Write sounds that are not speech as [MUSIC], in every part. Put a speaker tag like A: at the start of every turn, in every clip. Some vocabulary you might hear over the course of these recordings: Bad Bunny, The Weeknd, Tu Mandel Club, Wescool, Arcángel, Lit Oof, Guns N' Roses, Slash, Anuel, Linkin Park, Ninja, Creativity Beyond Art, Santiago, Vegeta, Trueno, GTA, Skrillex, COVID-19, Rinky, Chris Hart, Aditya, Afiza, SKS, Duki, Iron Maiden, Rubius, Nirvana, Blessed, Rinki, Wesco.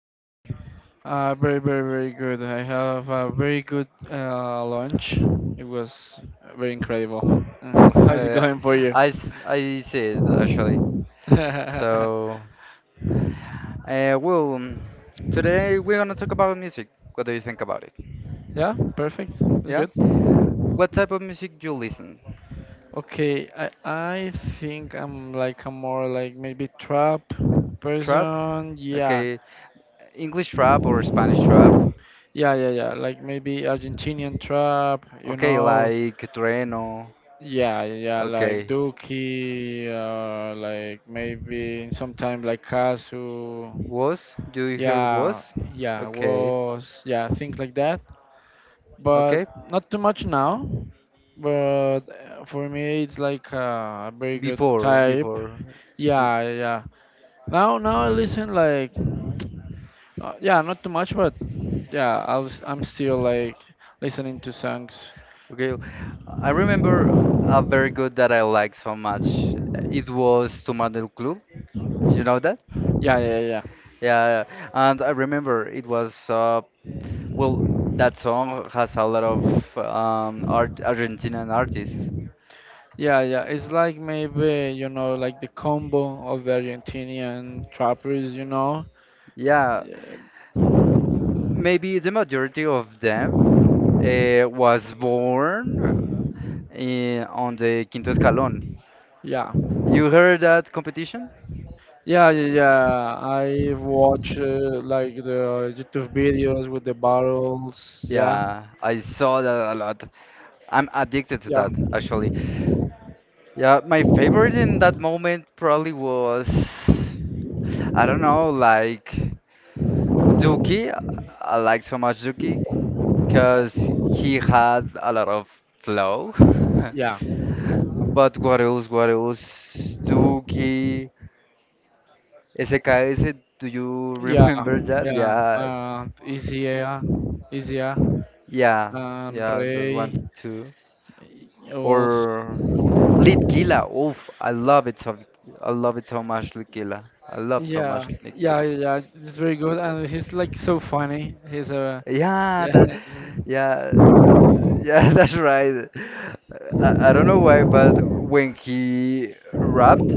A: today?
B: Very, very, very good. I have a very good lunch. It was very incredible. [LAUGHS]
A: [LAUGHS]
B: How's it
A: Well,
B: going for you?
A: I see it actually.
B: [LAUGHS]
A: So, well, today we're gonna talk about music. What do you think about it?
B: Yeah, perfect. It's
A: Yeah?
B: good.
A: What type of music do you listen?
B: Okay, I think I'm like a more like maybe trap
A: Trap?
B: person. Yeah,
A: Okay. English trap or Spanish trap?
B: yeah, yeah, yeah. Like maybe Argentinian trap. You
A: Okay,
B: know.
A: like Trueno.
B: Yeah, yeah, like
A: Okay.
B: Dookie, like maybe sometime like Kazu.
A: Was? Do you hear
B: Yeah,
A: was?
B: yeah,
A: Okay.
B: was, yeah, things like that. But
A: Okay.
B: not too much now. But for me, it's like a very good
A: Before,
B: type.
A: before.
B: Yeah, yeah, yeah. Now, I listen like, yeah, not too much, but yeah, I'm still like listening to songs.
A: Okay, I remember a very good that I liked so much. It was Tu Mandel Club. You know that?
B: Yeah, yeah, yeah.
A: Yeah, and I remember it was well, that song has a lot of art Argentinian artists.
B: Yeah, yeah. It's like maybe, like the combo of the Argentinian trappers, you know?
A: Yeah,
B: Yeah.
A: maybe the majority of them was born in, on the Quinto Escalón.
B: Yeah,
A: You heard that competition?
B: yeah, yeah. I watch like the YouTube videos with the barrels. Yeah,
A: Yeah, I saw that a lot. I'm addicted to
B: yeah,
A: that actually. Yeah, my favorite in that moment probably was, I don't know, like Duki. I like so much Duki because he had a lot of flow. [LAUGHS]
B: yeah,
A: But what else? What else? Duki, SKS. Do you [LAUGHS]
B: yeah,
A: remember that?
B: yeah.
A: Yeah,
B: And Izia,
A: yeah,
B: and
A: yeah. That
B: Ray.
A: one too.
B: Also,
A: Or Lit. Oof, I love it so. I love it so much, Lit. I love so
B: yeah,
A: much Lit.
B: yeah, yeah, yeah. It's very good, and he's like so funny. He's a [LAUGHS]
A: Yeah,
B: yes.
A: that, yeah, yeah, [LAUGHS] that's right. I don't know why, but
B: Wait,
A: when he rapped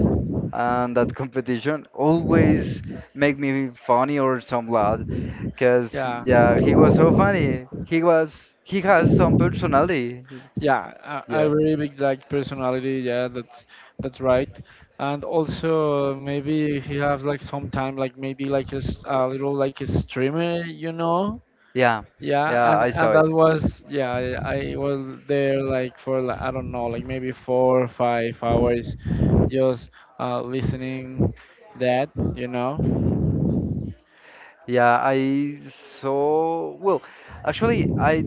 A: and that competition always
B: one
A: make
B: make
A: me funny
B: fun.
A: or some loud,
B: Yes.
A: cause
B: Yeah,
A: yeah, he was so funny. He has some personality.
B: yeah, a I
A: Yeah,
B: really big like personality. Yeah, that's right. And also maybe if you have like some time, like maybe like a little like a streamer.
A: yeah,
B: Yeah,
A: yeah,
B: and
A: I saw
B: and
A: it.
B: that was yeah, I was there like for like, I don't know, like maybe 4 or 5 hours, just listening that.
A: Yeah, I saw. Well, actually, I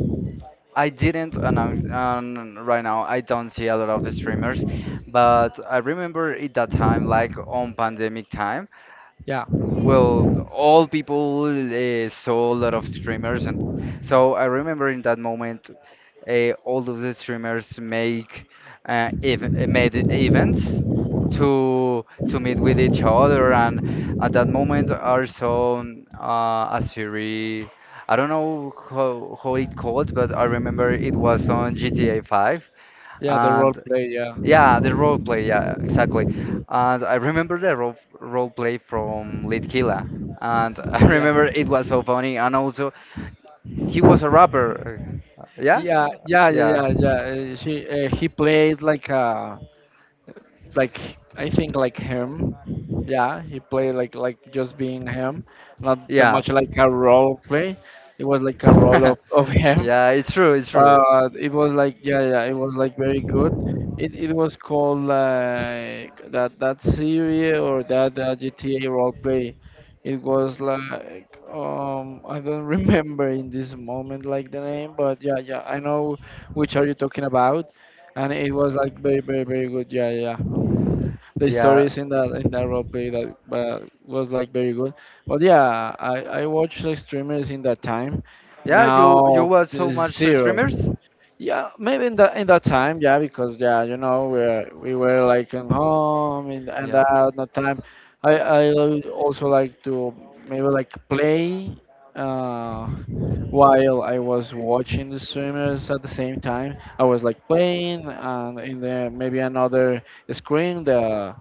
A: I didn't, and right now I don't see a lot of streamers, but I remember at that time, like on pandemic time,
B: Yeah,
A: well, all people saw a lot of streamers, and so I remember in that moment, all of the streamers make ev made events to meet with each other, and at that moment, I saw a series. I don't know how it called, but I remember it was on GTA 5,
B: yeah, the role
A: and
B: play, yeah,
A: yeah, the role play, yeah, exactly. And I remember the role play from Litkila. And [LAUGHS] I
B: yeah, yeah,
A: remember it was so funny. And also, he was a rapper. Yeah?
B: yeah, yeah,
A: Yeah.
B: yeah, yeah. She He played like a like I think like him. Yeah, he played like just being him, not too
A: Yeah.
B: much like a role play. It was like a role
A: [LAUGHS]
B: of, [LAUGHS] of him.
A: Yeah, it's true, it's
B: But it was like yeah, yeah, it was like very good. It was called like that series or that GTA role play. It was like I don't [LAUGHS] remember in this moment like the name, but yeah, yeah, I know which are you
A: true.
B: talking about, and it was like very very very good. Yeah, yeah, yeah, the
A: Yeah.
B: stories in that role play that was like very good. But yeah, I watched like streamers in that time.
A: Yeah, you
B: Now,
A: watch so much
B: zero.
A: streamers?
B: Yeah, maybe in that time, yeah, because yeah, we were like in home and
A: Yeah.
B: that no time. I would also like to maybe like play uh while I was watching the streamers at the same time. I was like playing and in the maybe another screen the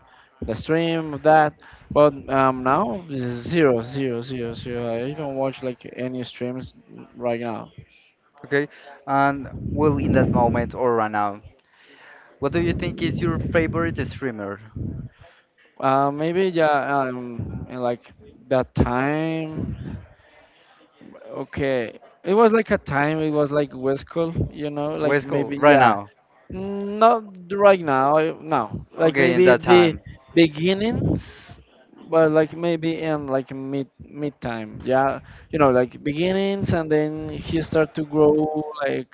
B: the stream of that. But now it's zero zero zero zero. I don't watch like any streams right now.
A: Okay. And well, in that moment or right now, what do you think is your favorite streamer?
B: Maybe yeah, and like that time. Okay, it was like a time. It was like West School, you know, like
A: Wesco,
B: maybe
A: right
B: yeah,
A: now.
B: not right now. No, like
A: Okay, in
B: maybe
A: that
B: be
A: time.
B: beginnings, but like maybe in like mid time. Yeah, you know, like beginnings, and then he start to grow like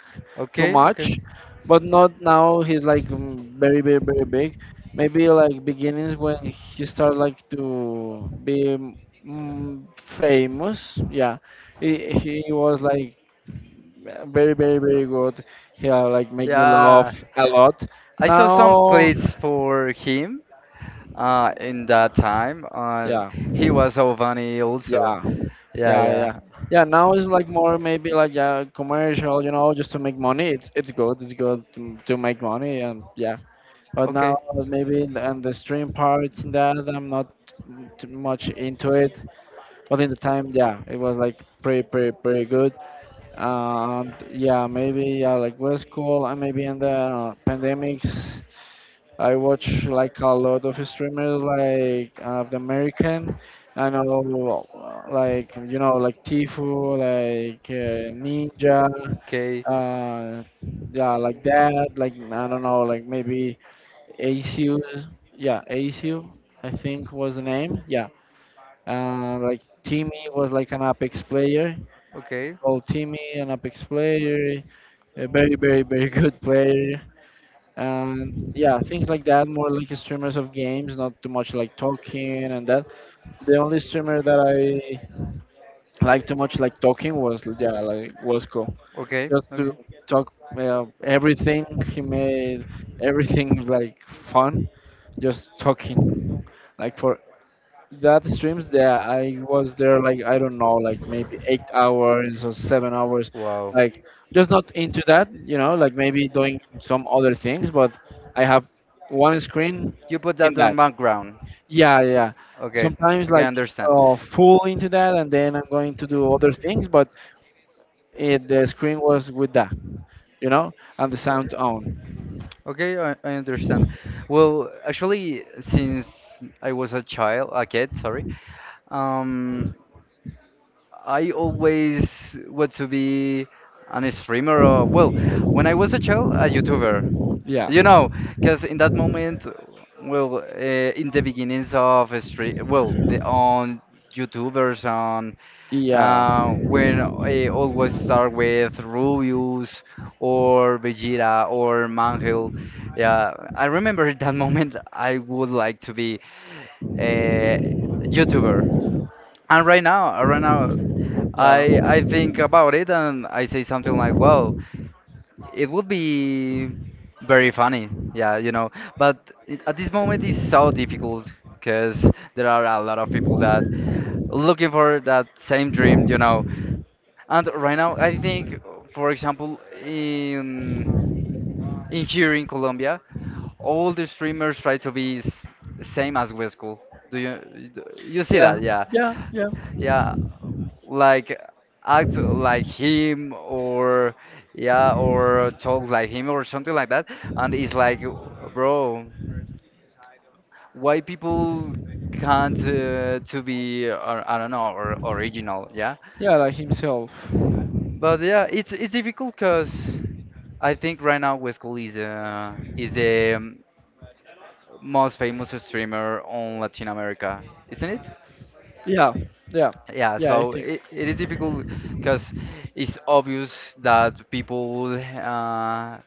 B: too
A: Okay, okay.
B: much, but not now. He's like very, very, very big. Maybe like beginnings when he started like to be famous. Yeah, he was like very, very, very good. Yeah, like make me laugh
A: Yeah.
B: a lot.
A: I saw some
B: Now,
A: clips for him, in that time,
B: yeah,
A: he was so funny also.
B: yeah,
A: Yeah,
B: yeah, yeah.
A: yeah.
B: Yeah, now it's like more maybe like a commercial, you know, just to make money. It's good, it's good to make money, and yeah. But
A: Okay,
B: now, maybe in on the stream part in that I'm not too much into it. But in the time, yeah, it was like pretty pretty pretty good. And yeah, maybe yeah, like was cool. And maybe in the pandemics, I watch like a lot of streamers like the American. I know like you know like Tifu, like Ninja,
A: okay,
B: uh, yeah, like that. Like I don't know, like maybe. ACU, yeah, ACU, I think was the name. Yeah, like Timmy was like an Apex player,
A: okay,
B: called Timmy, an Apex player, a very, very, very [LAUGHS] good player. And yeah, things like that, more like streamers of games, not too much like talking and that. The only streamer that I liked too much like talking was yeah, like Wasco,
A: okay,
B: just to
A: okay.
B: talk everything. He made everything like fun, just talking. Like for that streams, yeah, I was there like I don't know, like maybe 8 hours or 7 hours,
A: Wow.
B: like just not into that, you know, like maybe doing some other things, but I have one screen
A: You put
B: in
A: that
B: that.
A: on background.
B: Yeah, yeah.
A: Okay.
B: Sometimes
A: Okay, I
B: like
A: understand.
B: full into that, and then I'm going to do other things, but it, the screen was with that, you know, and the sound on.
A: Okay, I understand. Well, actually, since I was a child, a kid, sorry, um, I always want to be an streamer or, well, when I was a child, a YouTuber.
B: Yeah.
A: You know, because in that moment, well, in the beginnings of stream, well, the on YouTubers on.
B: Yeah.
A: When I always start with Rubius or Vegeta or Mangel. Yeah, I remember [LAUGHS] that moment I would like to be a YouTuber. And right now, I think about it and I say something like, well, it would be very funny, yeah. But at this moment, it's so difficult because there are a lot of people that looking for that same dream, you
B: Yeah.
A: know. And right now, I think, for example, in in here in Colombia, all the streamers try to be s same as Wesco. Do you do you see
B: Yeah,
A: that? Yeah,
B: yeah, yeah,
A: yeah, like act like him or yeah, or talk like him or something like that. And it's like, bro, why people can't to be I don't know or original? Yeah,
B: yeah, like himself.
A: but yeah, it's difficult because. I think right now Wescool is the most famous streamer on Latin America, isn't it?
B: Yeah, yeah,
A: Yeah,
B: yeah, I
A: so
B: think.
A: it is difficult because it's obvious that people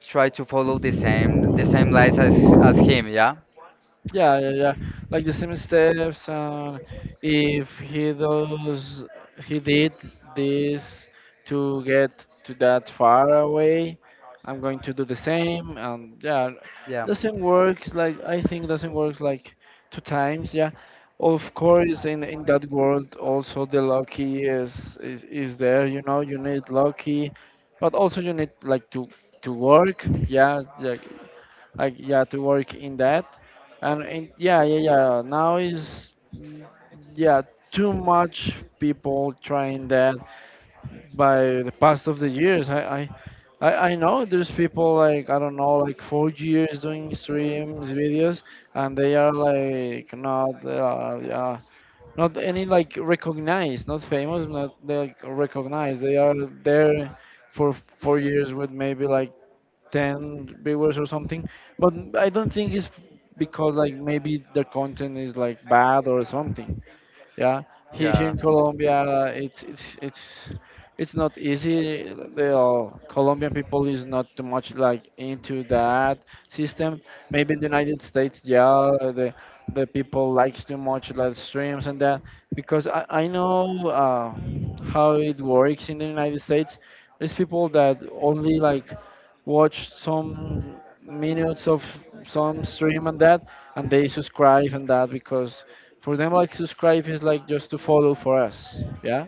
A: try to follow the same lines as him. Yeah,
B: Yeah, yeah, yeah. Like the same steps, and if he does, he did this to get to that far away. I'm going to do the same, and yeah,
A: yeah,
B: doesn't works. Like I think doesn't works like two times. Yeah, of course, in that world also the lucky is there. You know, you need lucky, but also you need like to work. Yeah, yeah, like yeah, to work in that. And yeah, yeah, yeah, now is yeah, too much people trying that by the past of the years. I know there's people like I don't know, like 4 years doing streams videos, and they are like not, yeah, not any like recognized, not famous, not like recognized. They are there for 4 years with maybe like 10 viewers or something, but I don't think it's because like maybe the content is like bad or something. Yeah, here
A: yeah,
B: in colombia, it's not easy. The Colombian people is not too much like into that system. Maybe in the United States, yeah, the people likes too much like streams and that because I know how it works in the United States. There's people that only like watch some minutes of some stream and that, and they subscribe and that because for them like subscribe is like just to follow for us. Yeah,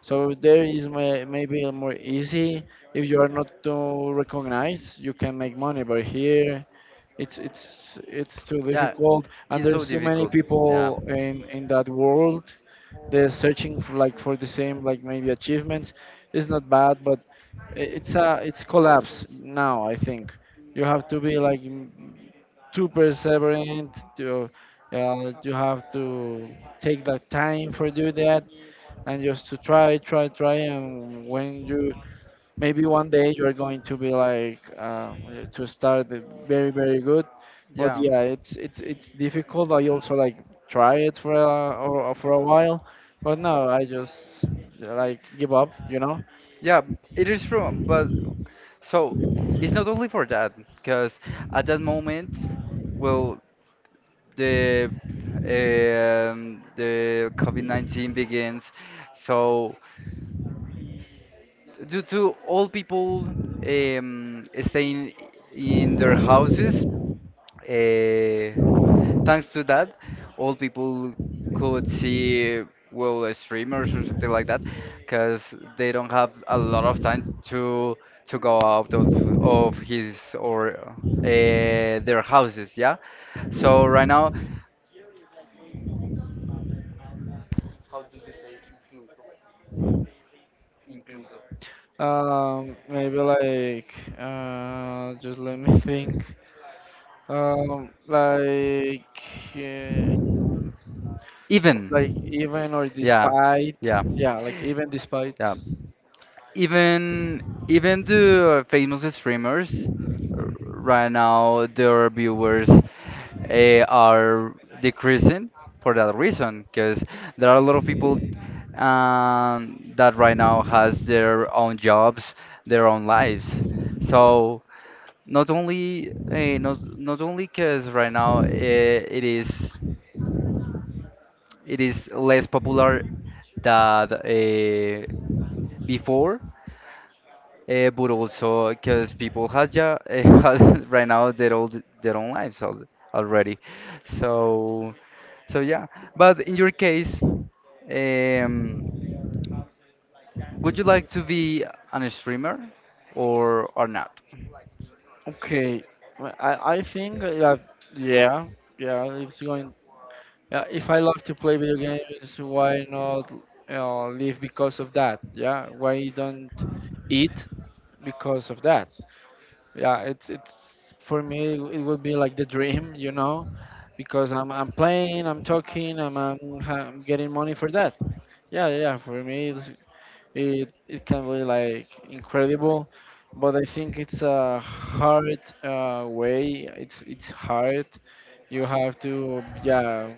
B: so there is maybe a more easy. If you are not too recognized, you can make money. But here, it's too
A: yeah.
B: difficult, and
A: He's so
B: there's too many
A: difficult. Yeah,
B: people in that world. They're searching for like for the same like maybe achievements. It's not bad, but it's collapse now. I think you have to be like too perseverant. To You have to take the time for do that and just to try, try, try. And when you maybe one day you are going to be like to start the very, very good. But
A: yeah.
B: yeah, it's difficult. I also like try it for a while, but no, I just like give up. You know,
A: Yeah, it is true, but so it's not only for that, because at that moment, well, the the COVID-19 begins, so due to all people staying in their houses, uh, thanks to that, all people could see well, streamers or something like that, because they don't have a lot of time to go out of his or their houses. Yeah. So right now,
B: maybe like just let me think. Like uh, like
A: even
B: even or
A: yeah,
B: despite,
A: yeah,
B: yeah, like even despite.
A: yeah. Even even the famous streamers right now their viewers are decreasing for that reason because there are a lot of people that right now has their own jobs, their own lives. So not only because right now it is less popular than before. But also because people has ja [LAUGHS] has right now their old their own lives al already, so so yeah. But in your case, um, would you like to be an streamer or not?
B: Okay, well, I think that yeah, yeah, it's going. Yeah, if I love to play video games, why not live because of that? Yeah, why don't eat because of that? Yeah, it's for me it would be like the dream, you know, because I'm playing, I'm talking, I'm getting money for that. Yeah, yeah, for me it it can be like incredible. But I think it's a hard, way. It's hard. You have to, yeah,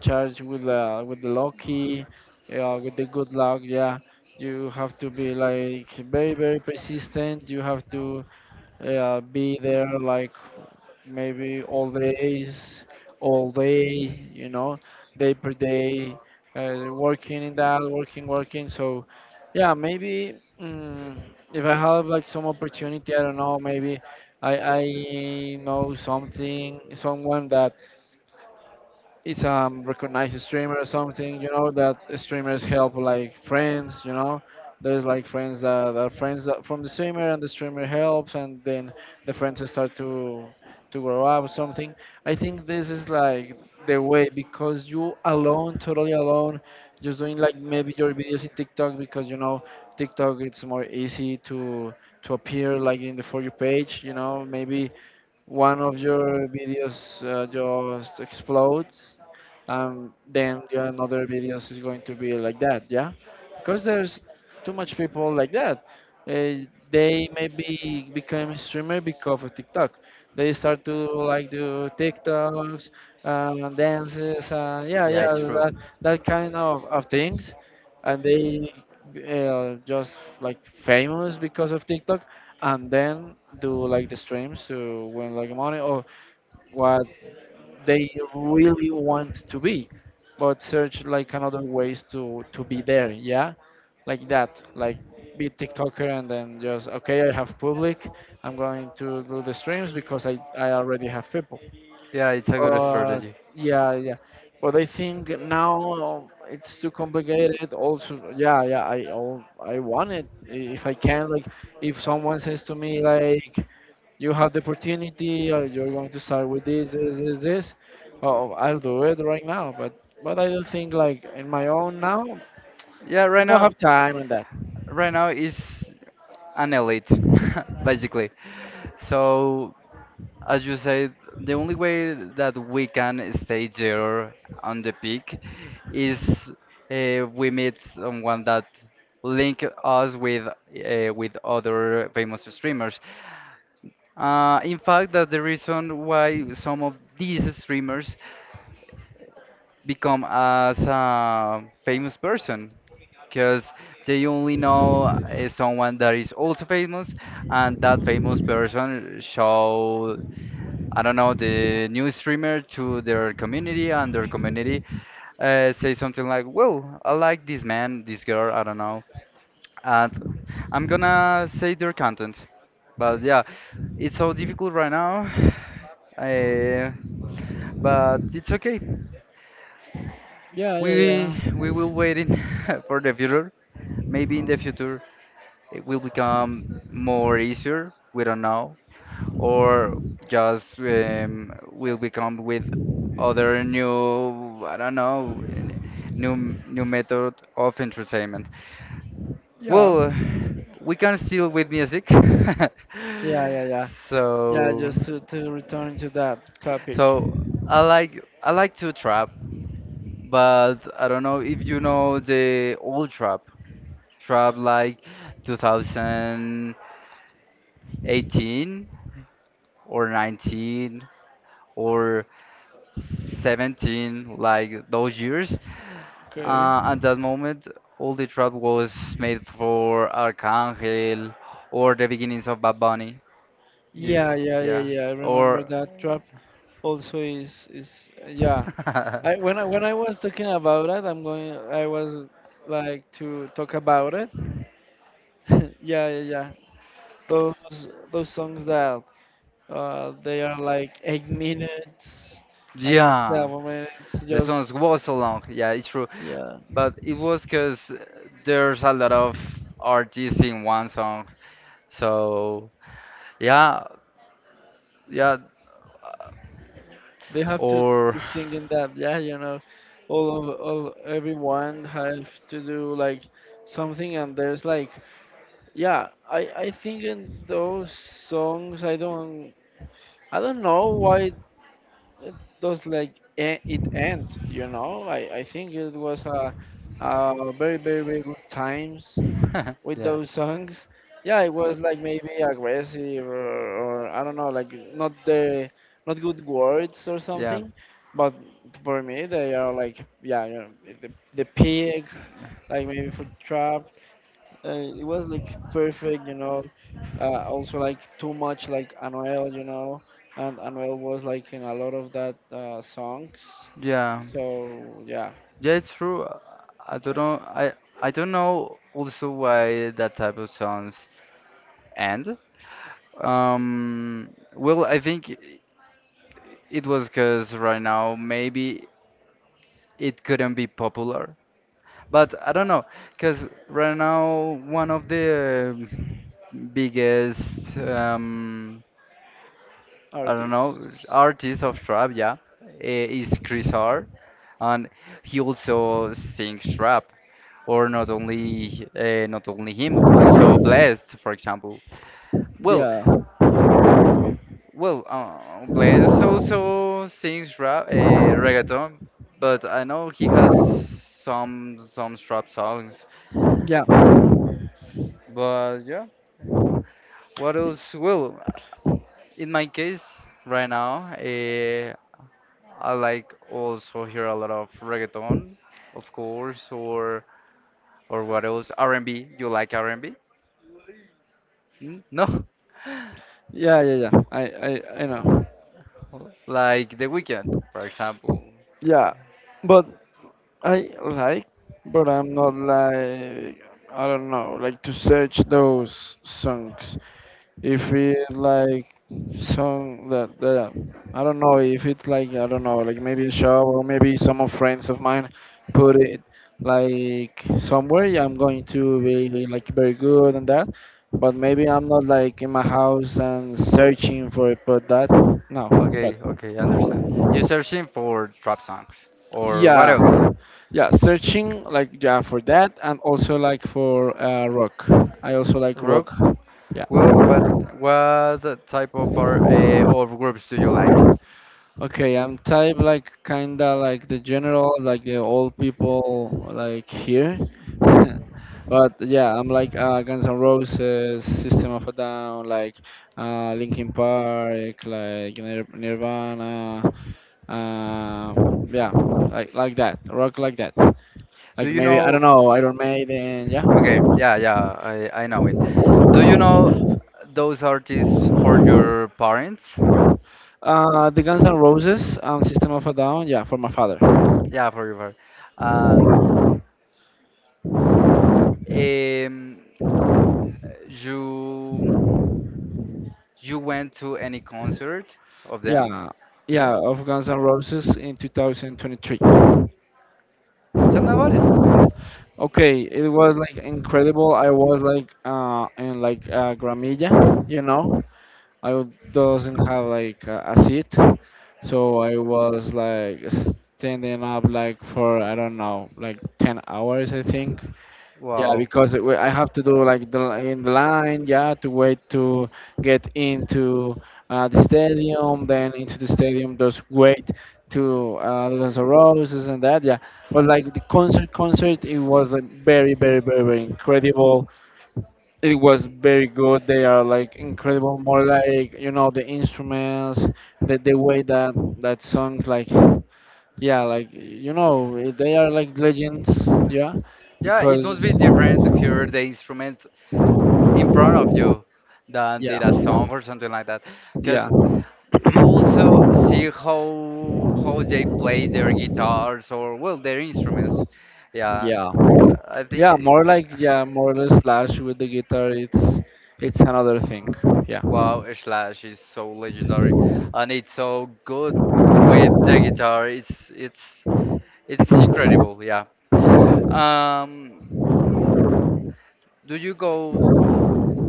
B: charge with the lucky, with the good luck. Yeah, you have to be like very very persistent. You have to, yeah, be there like maybe all days, all day, you know, day per day, working in that, working, working. So, yeah, maybe if I have like some opportunity, I don't know, maybe I know something, someone that it's recognized streamer or something, you know, that streamers help like friends, you know. There's like friends that are friends that from the streamer, and the streamer helps, and then the friends start to grow up or something. I think this is like the way, because you alone, totally alone, just doing like maybe your videos in TikTok, because you know TikTok it's more easy to appear like in the For You page, you know. Maybe one of your videos just explodes, and then the another videos is going to be like that, yeah, because there's too much people like that. uh, they maybe become a streamer because of TikTok. They start to like do TikToks, dances, and yeah,
A: Yeah,
B: yeah,
A: it's true.
B: that kind of things, and they just like famous because of TikTok, and then do like the streams to win like money or what they really want to be, but search like another ways to be there, yeah. Like that, like be tiktoker, and then just okay, I have public, I'm going to do the streams because I already have people.
A: Yeah, it's a good
B: Uh,
A: strategy.
B: yeah, yeah. But I think now it's too complicated also. Yeah, yeah. I want it, if I can, like if someone says to me like you have the opportunity, you're going to start with this, this, this, this, oh I'll do it right now. But I don't think like in my own now.
A: Yeah,
B: I
A: right
B: don't
A: now,
B: have time on that.
A: is an elite, [LAUGHS] basically. So, as you said, the only way that we can stay there on the peak is we meet someone that link us with other famous streamers. In fact, that's the reason why some of these streamers become as a famous person because they only know someone that is also famous, and that famous person show, I don't know, the new streamer to their community, and their community say something like, "Well, I like this man, this girl, I don't know," and I'm gonna say their content. But yeah, it's so difficult right now, [SIGHS] uh, but it's okay.
B: Yeah, yeah,
A: We
B: yeah,
A: we will waiting [LAUGHS] for the future. Maybe in the future it will become more easier. We don't know, or just will become with other new, I don't know, new new method of entertainment.
B: yeah,
A: Well, [SIGHS] we can still with music. [LAUGHS]
B: yeah, yeah, yeah, yeah,
A: So,
B: just to return to that topic.
A: so, I like to trap, but I don't know if you know the old trap like 2018 or 19 or 17, like those years.
B: Okay,
A: At that moment, all the trap was made for Arcángel or the beginnings of Bad Bunny. Yeah,
B: yeah, yeah, yeah,
A: yeah.
B: yeah, I remember
A: Or
B: that trap. Also is yeah. I, when
A: [LAUGHS]
B: I when I was talking about it, I'm going. I was like to talk about it. [LAUGHS] Yeah, yeah, those songs that they are like 8 minutes and
A: yeah,
B: 7 minutes
A: the songs was
B: just,
A: so long. Yeah, it's true,
B: yeah,
A: but it was because there's a lot of artists in one song. So yeah, yeah.
B: they have
A: Or
B: to sing in that, yeah, you know. All of all, everyone have to do like something, and there's like, yeah, I think in those songs, I don't I don't know why it does like it end, you know. I think it was a very, very, very good times
A: [LAUGHS]
B: with
A: yeah.
B: those songs. Yeah, it was like maybe aggressive, or I don't know, like not the not good words or
A: Yeah,
B: something. But for me, they are like, yeah, you know, the the pig, like maybe for trap. It was like perfect, you know. Also like too much like Anuel, you know, and Anuel was like in a lot of that songs.
A: yeah,
B: So yeah.
A: yeah. It's true. I don't know. I don't know also why that type of songs end. Well, I think it was because right now maybe it couldn't be popular. But I don't know, because right now one of the biggest I don't know,
B: Artists.
A: artist of trap, yeah, is Chris Hart, and he also sings trap. Or not only him, also Blessed, for example. Well,
B: Yeah,
A: Blessed also sings rap, reggaeton, but I know he has some trap songs.
B: yeah,
A: But yeah, what else? Well, in my case, right now, I like also hear a lot of reggaeton, of course, or what else? R&B. You like R&B? Hmm? No,
B: yeah, yeah, yeah. I know.
A: [LAUGHS] like The Weeknd, for example.
B: Yeah, but I like, but I'm not like I don't know, like to search those songs. If it's like some that I don't know, if it's like I don't know like maybe a shop or maybe some of friends of mine put it like somewhere, yeah, I'm going to be like very good and that. But maybe I'm not like in my house and searching for it, but that, no,
A: Okay,
B: but
A: okay, I understand. You're searching for trap songs or what else?
B: yeah, yeah, searching like yeah for that, and also like for rock. I also like rock.
A: Rock?
B: Yeah.
A: Well, what type of of groups do you like?
B: Okay, I'm type like kinda like the general, like the old people like here. [LAUGHS] But yeah, I'm like Guns N' Roses, System of a Down, like Linkin Park, like Nirvana. Uh, yeah, like that, rock like that.
A: Do
B: Like
A: you
B: maybe I
A: know?
B: don't know, Iron Maiden. Yeah.
A: Okay, yeah, yeah, I know it. Do you know those artists for your parents?
B: The Guns N' Roses, and System of a Down. Yeah, for my father.
A: Yeah, for your part. Um, you you went to any concert of them?
B: Yeah,
A: Yeah.
B: yeah, of Guns N' Roses in 2023.
A: Tell me about it.
B: Okay, it was like incredible. I was like in like gramilla, you know. Doesn't have like a seat, so I was like standing up like for I don't know like 10 hours I think, yeah,
A: Wow.
B: because I have to do like the, in the line, yeah, to wait to get into the stadium, then into the stadium, just wait to Guns N' Roses and that, yeah. But like the concert, it was like very, very, very, very incredible. It was very good. They are like incredible, more like you know the instruments, the way that that songs like, yeah, like you know they are like legends, yeah,
A: Yeah, it
B: because
A: must be different to hear the instrument in front of you than
B: yeah,
A: did a song or something like that.
B: yeah,
A: Because you also see how they play their guitars or well their instruments. Yeah,
B: yeah,
A: I think
B: yeah, more like yeah more or less slash with the guitar, it's another thing, yeah.
A: wow, Slash is so legendary and it's so good with the guitar. It's incredible. Yeah. Um, do you go?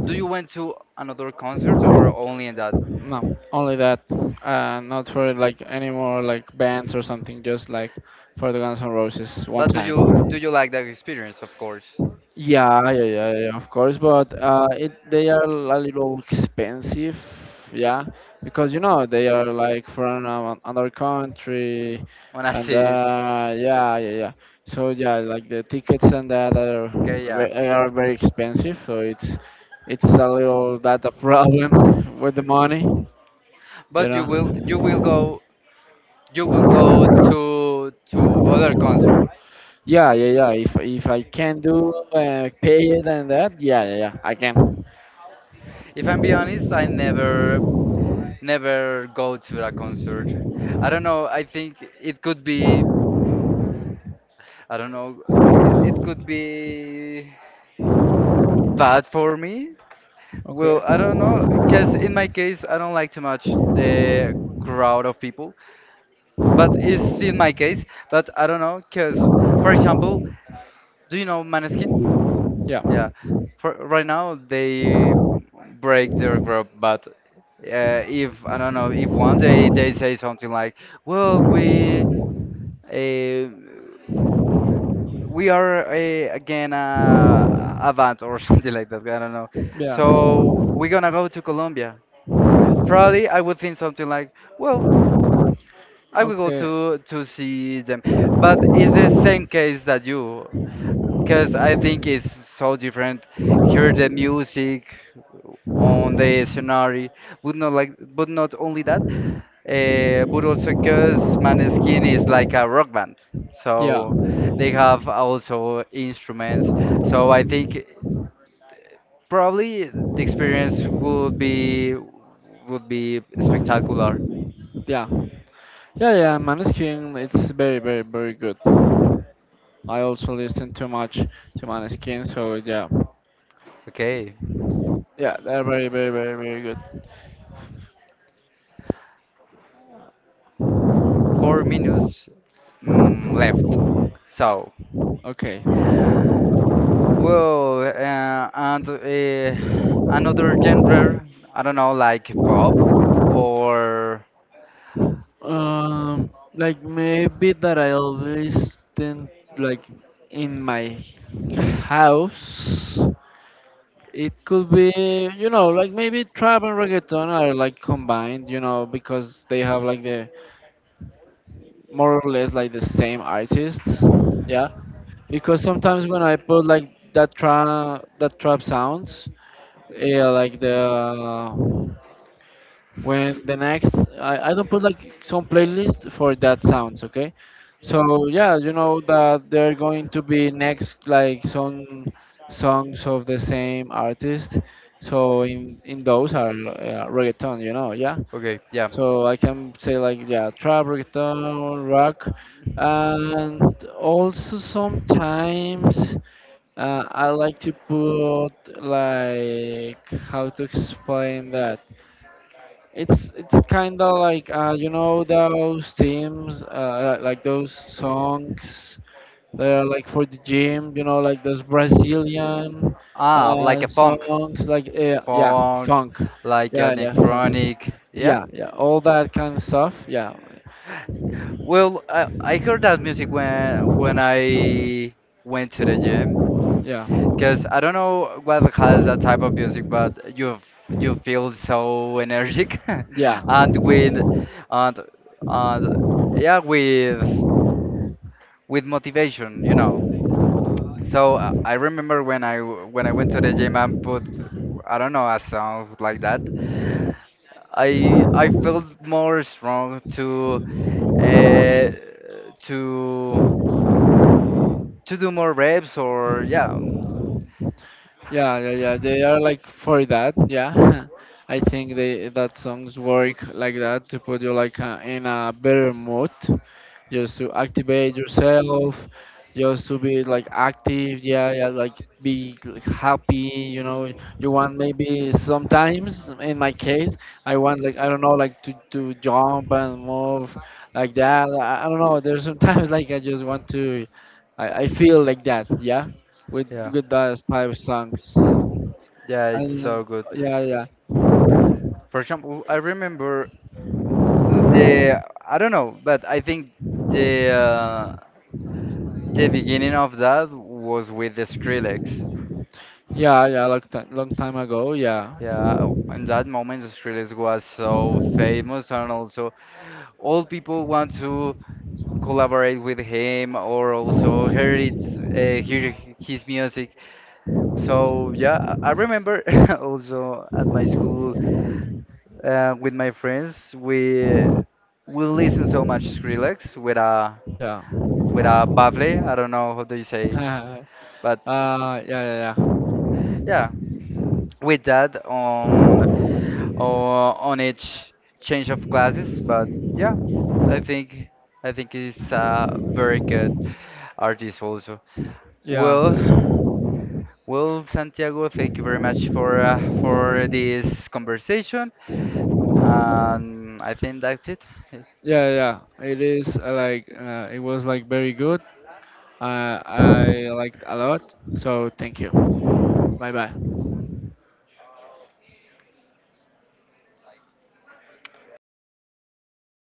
A: Do you went to another concert or only in that?
B: No, only that. Not for like any more like bands or something, just like for the Guns N' Roses one
A: But do
B: time.
A: you do you like that experience? Of course.
B: Yeah, yeah, yeah, yeah, yeah, of course, but it they are a little expensive, yeah, because you know they are like from another country,
A: When I
B: and
A: see it.
B: yeah, yeah, yeah. So yeah, like the tickets and that are
A: Okay. Yeah.
B: are very expensive, so it's a little that a problem [LAUGHS] with the money, you
A: But
B: know.
A: you will go to other concert.
B: Yeah, yeah, yeah. If I can do pay it and that, yeah, yeah, yeah, I can.
A: If I'm be honest, I never go to a concert. I don't know. I think it could be I don't know. It could be bad for me. Well,
B: Okay.
A: I don't know, because in my case, I don't like too much the crowd of people. But it's in my case. But I don't know, because for example, do you know Maneskin? Yeah,
B: Yeah.
A: for right now they break their group, but if I don't know, if one day they say something like, "Well, uh, we are again a band or [LAUGHS] something like that," I don't know.
B: Yeah.
A: So we're gonna go to Colombia. Probably I would think something like, "Well, I will go
B: Okay.
A: to see them, but it's the same case that you, because I think it's so different. Hear the music on the scenery, but not only that, but also because Maneskin is like a rock band,
B: Yeah.
A: so they have also instruments. So I think probably the experience would be spectacular.
B: Yeah, yeah, yeah. Maneskin, it's very, very, very good. I also listen too much to Maneskin, so yeah,
A: Okay.
B: yeah, they're very, very, very, very good.
A: 4 minutes left. So,
B: Okay.
A: well, and another genre, I don't know, like pop or
B: Um, like maybe that I always tend like in my house. It could be, you know, like maybe trap and reggaeton are like combined, you know, because they have like the more or less like the same artists. Yeah, because sometimes when I put like that trap sounds, yeah, like the when the next I don't put like some playlist for that sounds, okay, so yeah, you know that they are going to be next like some songs of the same artist, so in those are reggaeton, you know, yeah.
A: okay, yeah,
B: So I can say like, yeah, trap, reggaeton, rock, and also sometimes I like to put like how to explain that, it's kind of like you know those teams like those songs that are like for the gym, you know, like those Brazilian
A: ah, like a funk,
B: songs, like yeah,
A: funk,
B: funk,
A: like
B: yeah, yeah, funk,
A: electronic, yeah.
B: yeah, yeah, all that kind of stuff, yeah,
A: Well, I heard that music when I went to the gym.
B: yeah.
A: Because I don't know what has that type of music, but you you feel so energetic, [LAUGHS]
B: Yeah,
A: and with and and yeah, with motivation. So I remember when I went to the gym and put I don't know a song like that. I felt more strong uh, to to do more reps or yeah,
B: yeah, yeah, yeah. They are like for that. Yeah. [LAUGHS] I think they that songs work like that to put you like in a better mood, just to activate yourself, just to be like active. Yeah, yeah, like be like happy. You know, you want maybe sometimes. In my case, I want like I don't know, like to jump and move like that. I don't know. There's sometimes [LAUGHS] like I just want to. I feel like that. Yeah,
A: yeah,
B: with those type of songs.
A: yeah, it's
B: And
A: so good.
B: yeah, yeah,
A: For example, I remember the I don't know, but I think the uh, the beginning of that was with the Skrillex.
B: yeah, yeah. Long time ago.
A: Yeah, in that moment, the Skrillex was so famous, and also all people want to collaborate with him or also hear it, hear his music. So yeah, I remember [LAUGHS] also at my school, with my friends,
B: Yeah.
A: we listen so much Skrillex with a
B: Yeah.
A: with a buffle.
B: [LAUGHS]
A: I don't know how do you say, but
B: Uh, yeah, yeah, yeah.
A: yeah, with that on on on each change of classes. But yeah, I think I think he's a very good artist also.
B: Yeah.
A: Well, well, Santiago, thank you very much for this conversation, and I think that's it.
B: Yeah, yeah. It is like it was like very good. I liked a lot. So thank you. Bye bye.